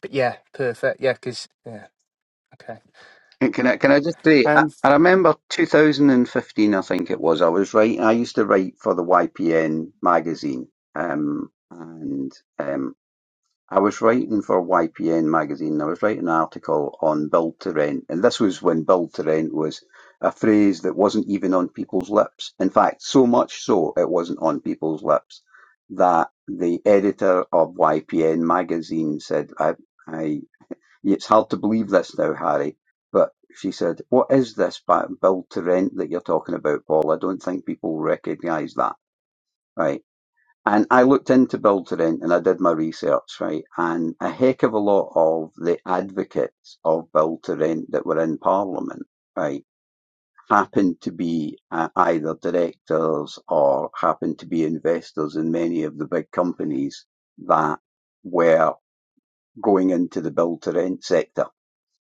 But yeah, perfect. Yeah, because yeah, okay.
And Can I, can I just say, I,
Um,
I remember 2015, I think it was, I was writing, I used to write for the YPN magazine. Um, and um, I was writing for YPN magazine, and I was writing an article on build to rent. And this was when build to rent was a phrase that wasn't even on people's lips. In fact, so much so it wasn't on people's lips that the editor of YPN magazine said, I, I it's hard to believe this now, Harry, but she said, What is this build to rent that you're talking about, Paul? I don't think people recognise that, right? And I looked into build to rent and I did my research, right? And a heck of a lot of the advocates of build to rent that were in Parliament, right, happened to be uh, either directors or happened to be investors in many of the big companies that were going into the build to rent sector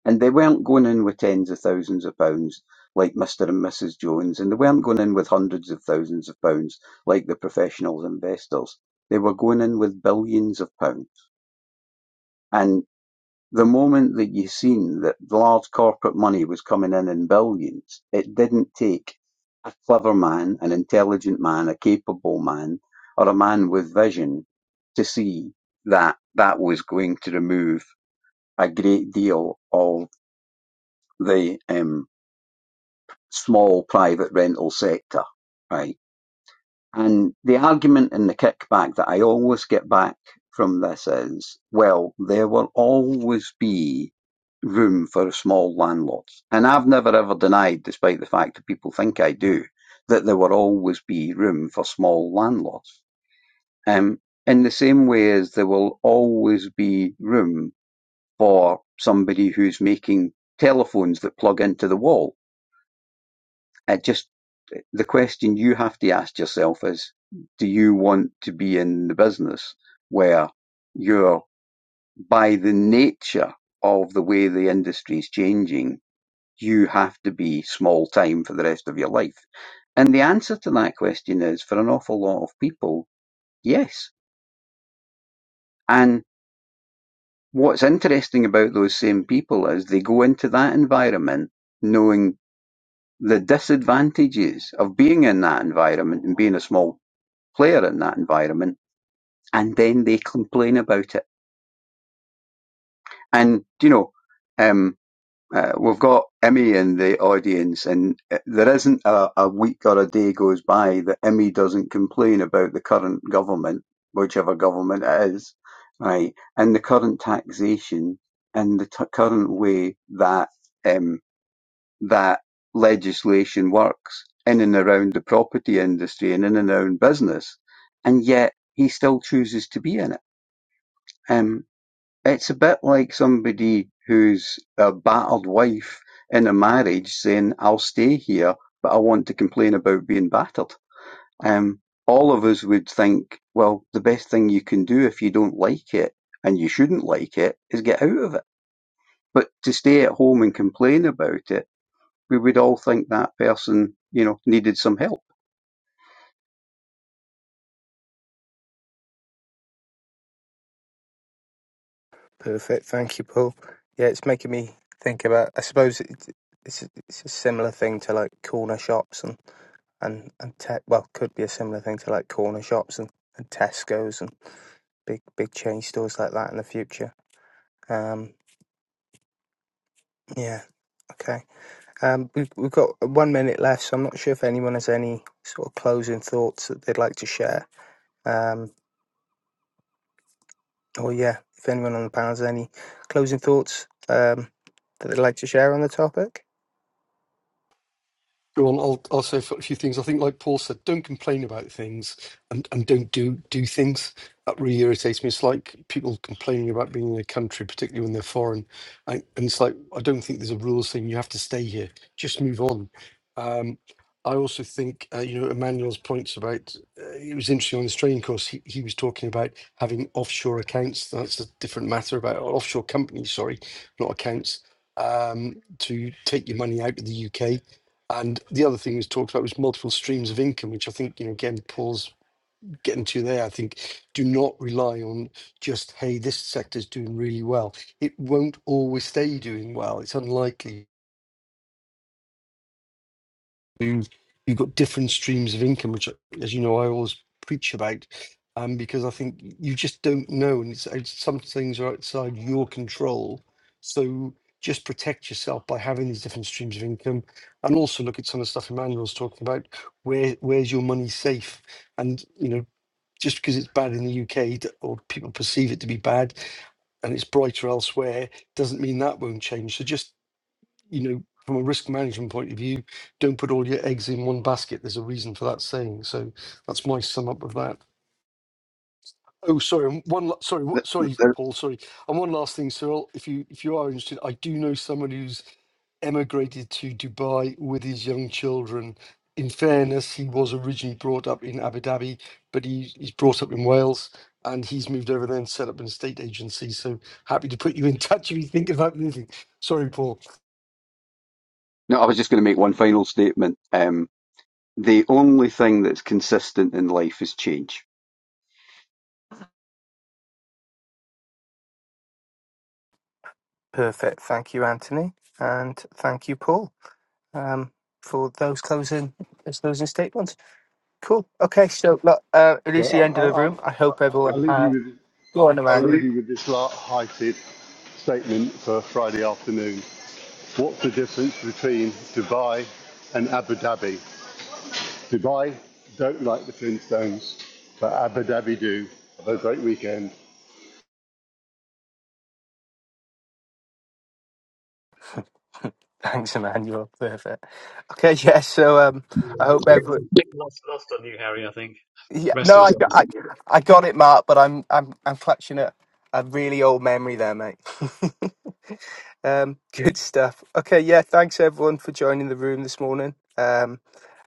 and they weren't going in with tens of thousands of pounds like Mr. and Mrs. Jones, and they weren't going in with hundreds of thousands of pounds like the professional investors. They were going in with billions of pounds. And the moment that you seen that large corporate money was coming in in billions, it didn't take a clever man, an intelligent man, a capable man, or a man with vision to see that that was going to remove a great deal of the um, small private rental sector, right? And the argument and the kickback that I always get back from this is, well, there will always be room for small landlords. And I've never ever denied, despite the fact that people think I do, that there will always be room for small landlords. Um, in the same way as there will always be room for somebody who's making telephones that plug into the wall It just uh, the question you have to ask yourself is do you want to be in the business where you're by the nature of the way the industry is changing you have to be small time for the rest of your life and the answer to that question is for an awful lot of people yes and what's interesting about those same people is they go into that environment knowing the disadvantages of being in that environment and being a small player in that environment, and then they complain about it. And you know, um, uh, we've got Emmy in the audience, and uh, there isn't a, a week or a day goes by that Emmy doesn't complain about the current government, whichever government it is, right, and the current taxation and the t- current way that um, that legislation works in and around the property industry and in and around business, and yet he still chooses to be in it Um, it's a bit like somebody who's a battered wife in a marriage saying, I'll stay here, but I want to complain about being battered. Um, all of us would think, well, the best thing you can do if you don't like it and you shouldn't like it is get out of it. But to stay at home and complain about it, we would all think that person, you know, needed some help.
perfect. Thank you, Paul. Yeah, it's making me think about. I suppose it, it's a- it's a similar thing to like corner shops and and and te- well, could be a similar thing to like corner shops and and Tesco's and big big chain stores like that in the future. Um, yeah. Okay. Um, we've we've got one minute left, so I'm not sure if anyone has any sort of closing thoughts that they'd like to share. Um, Oh yeah, if anyone on the panel has any closing thoughts um, that they'd like to share on the topic.
Go on. I'll I'll say a few things. I think, like Paul said, don't complain about things and, and don't do do things. That really irritates me. It's like people complaining about being in a country, particularly when they're foreign. I, and it's like I don't think there's a rule saying you have to stay here. Just move on. Um, I also think uh, you know Emmanuel's points about uh, it was interesting on this training course. He he was talking about having offshore accounts. That's a different matter about offshore companies. Sorry, not accounts. Um, to take your money out of the UK and the other thing was talked about was multiple streams of income, which I think, you know, again, Paul's getting to there. I think do not rely on just, hey, this sector's doing really well. It won't always stay doing well. It's unlikely you you've got different streams of income, which, as you know, I always preach about, um, because I think you just don't know, and it's, it's some things are outside your control. So just protect yourself by having these different streams of income, and also look at some of the stuff Emmanuel's talking about. Where where's your money safe? And you know, just because it's bad in the UK or people perceive it to be bad, and it's brighter elsewhere, doesn't mean that won't change. So just you know, from a risk management point of view, don't put all your eggs in one basket. There's a reason for that saying. So that's my sum up of that. Oh, sorry. and One, la- sorry, wh- sorry, Paul. Sorry. And one last thing, Cyril. If you if you are interested, I do know someone who's emigrated to Dubai with his young children. In fairness, he was originally brought up in Abu Dhabi, but he, he's brought up in Wales and he's moved over there and set up an estate agency. So happy to put you in *laughs* touch if you think about moving. Sorry, Paul.
No, I was just going to make one final statement. Um, the only thing that's consistent in life is change
Perfect. Thank you, Anthony, and thank you, Paul, um, for those closing those closing statements. Cool. Okay, so look, uh, it
So
is
I'll,
the
I'll,
end of the room.
I'll,
I hope
I'll-
everyone
leave you
had.
with
*laughs* Go on,
I'll
Emmanuel.
leave you with this light-hearted statement for Friday afternoon. What's the difference between Dubai and Abu Dhabi? Dubai don't like the Flintstones, but Abu Dhabi do. Have a great weekend.
*laughs* Thanks, Emmanuel. Perfect. Okay, *laughs* yeah. So um, I hope
It's
everyone.
a big loss, lost on you, Harry. I think.
Yeah,
The Rest
no,
of
I,
us.
got- I, I got it, Mark, but I'm I'm I'm clutching at a really old memory there, mate. *laughs* um, good stuff. Okay, yeah, thanks everyone for joining the room this morning. Um,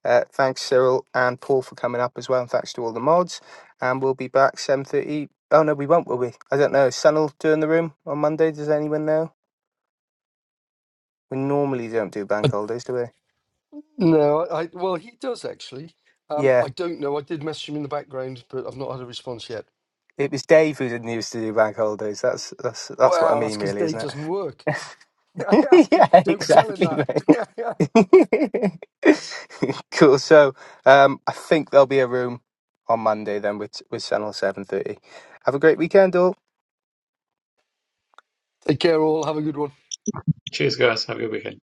uh, thanks Cyril and Paul for coming up as well, and thanks to all the mods. And we'll be back seven thirty. Oh no, we won't, will we? I don't know. Is Sunil doing the room on Monday? Does anyone know? We normally don't do bank holidays, do we?
No, I well, he does actually. Um,
Yeah,
I don't know. I did message him in the background, but I've not had a response yet.
it was Dave who didn't used to do bank holidays. That's that's that's what I
Well, that's
mean,
because
really,
Dave
isn't it?
doesn't work. *laughs*
*laughs* yeah,
don't tell him
exactly,
that. *laughs*
mate. *laughs* cool. So um, I think there'll be a room on Monday then with with Senel seven thirty. Have a great weekend, all.
Take care, all. Have a good one.
Cheers, guys. Have a good weekend.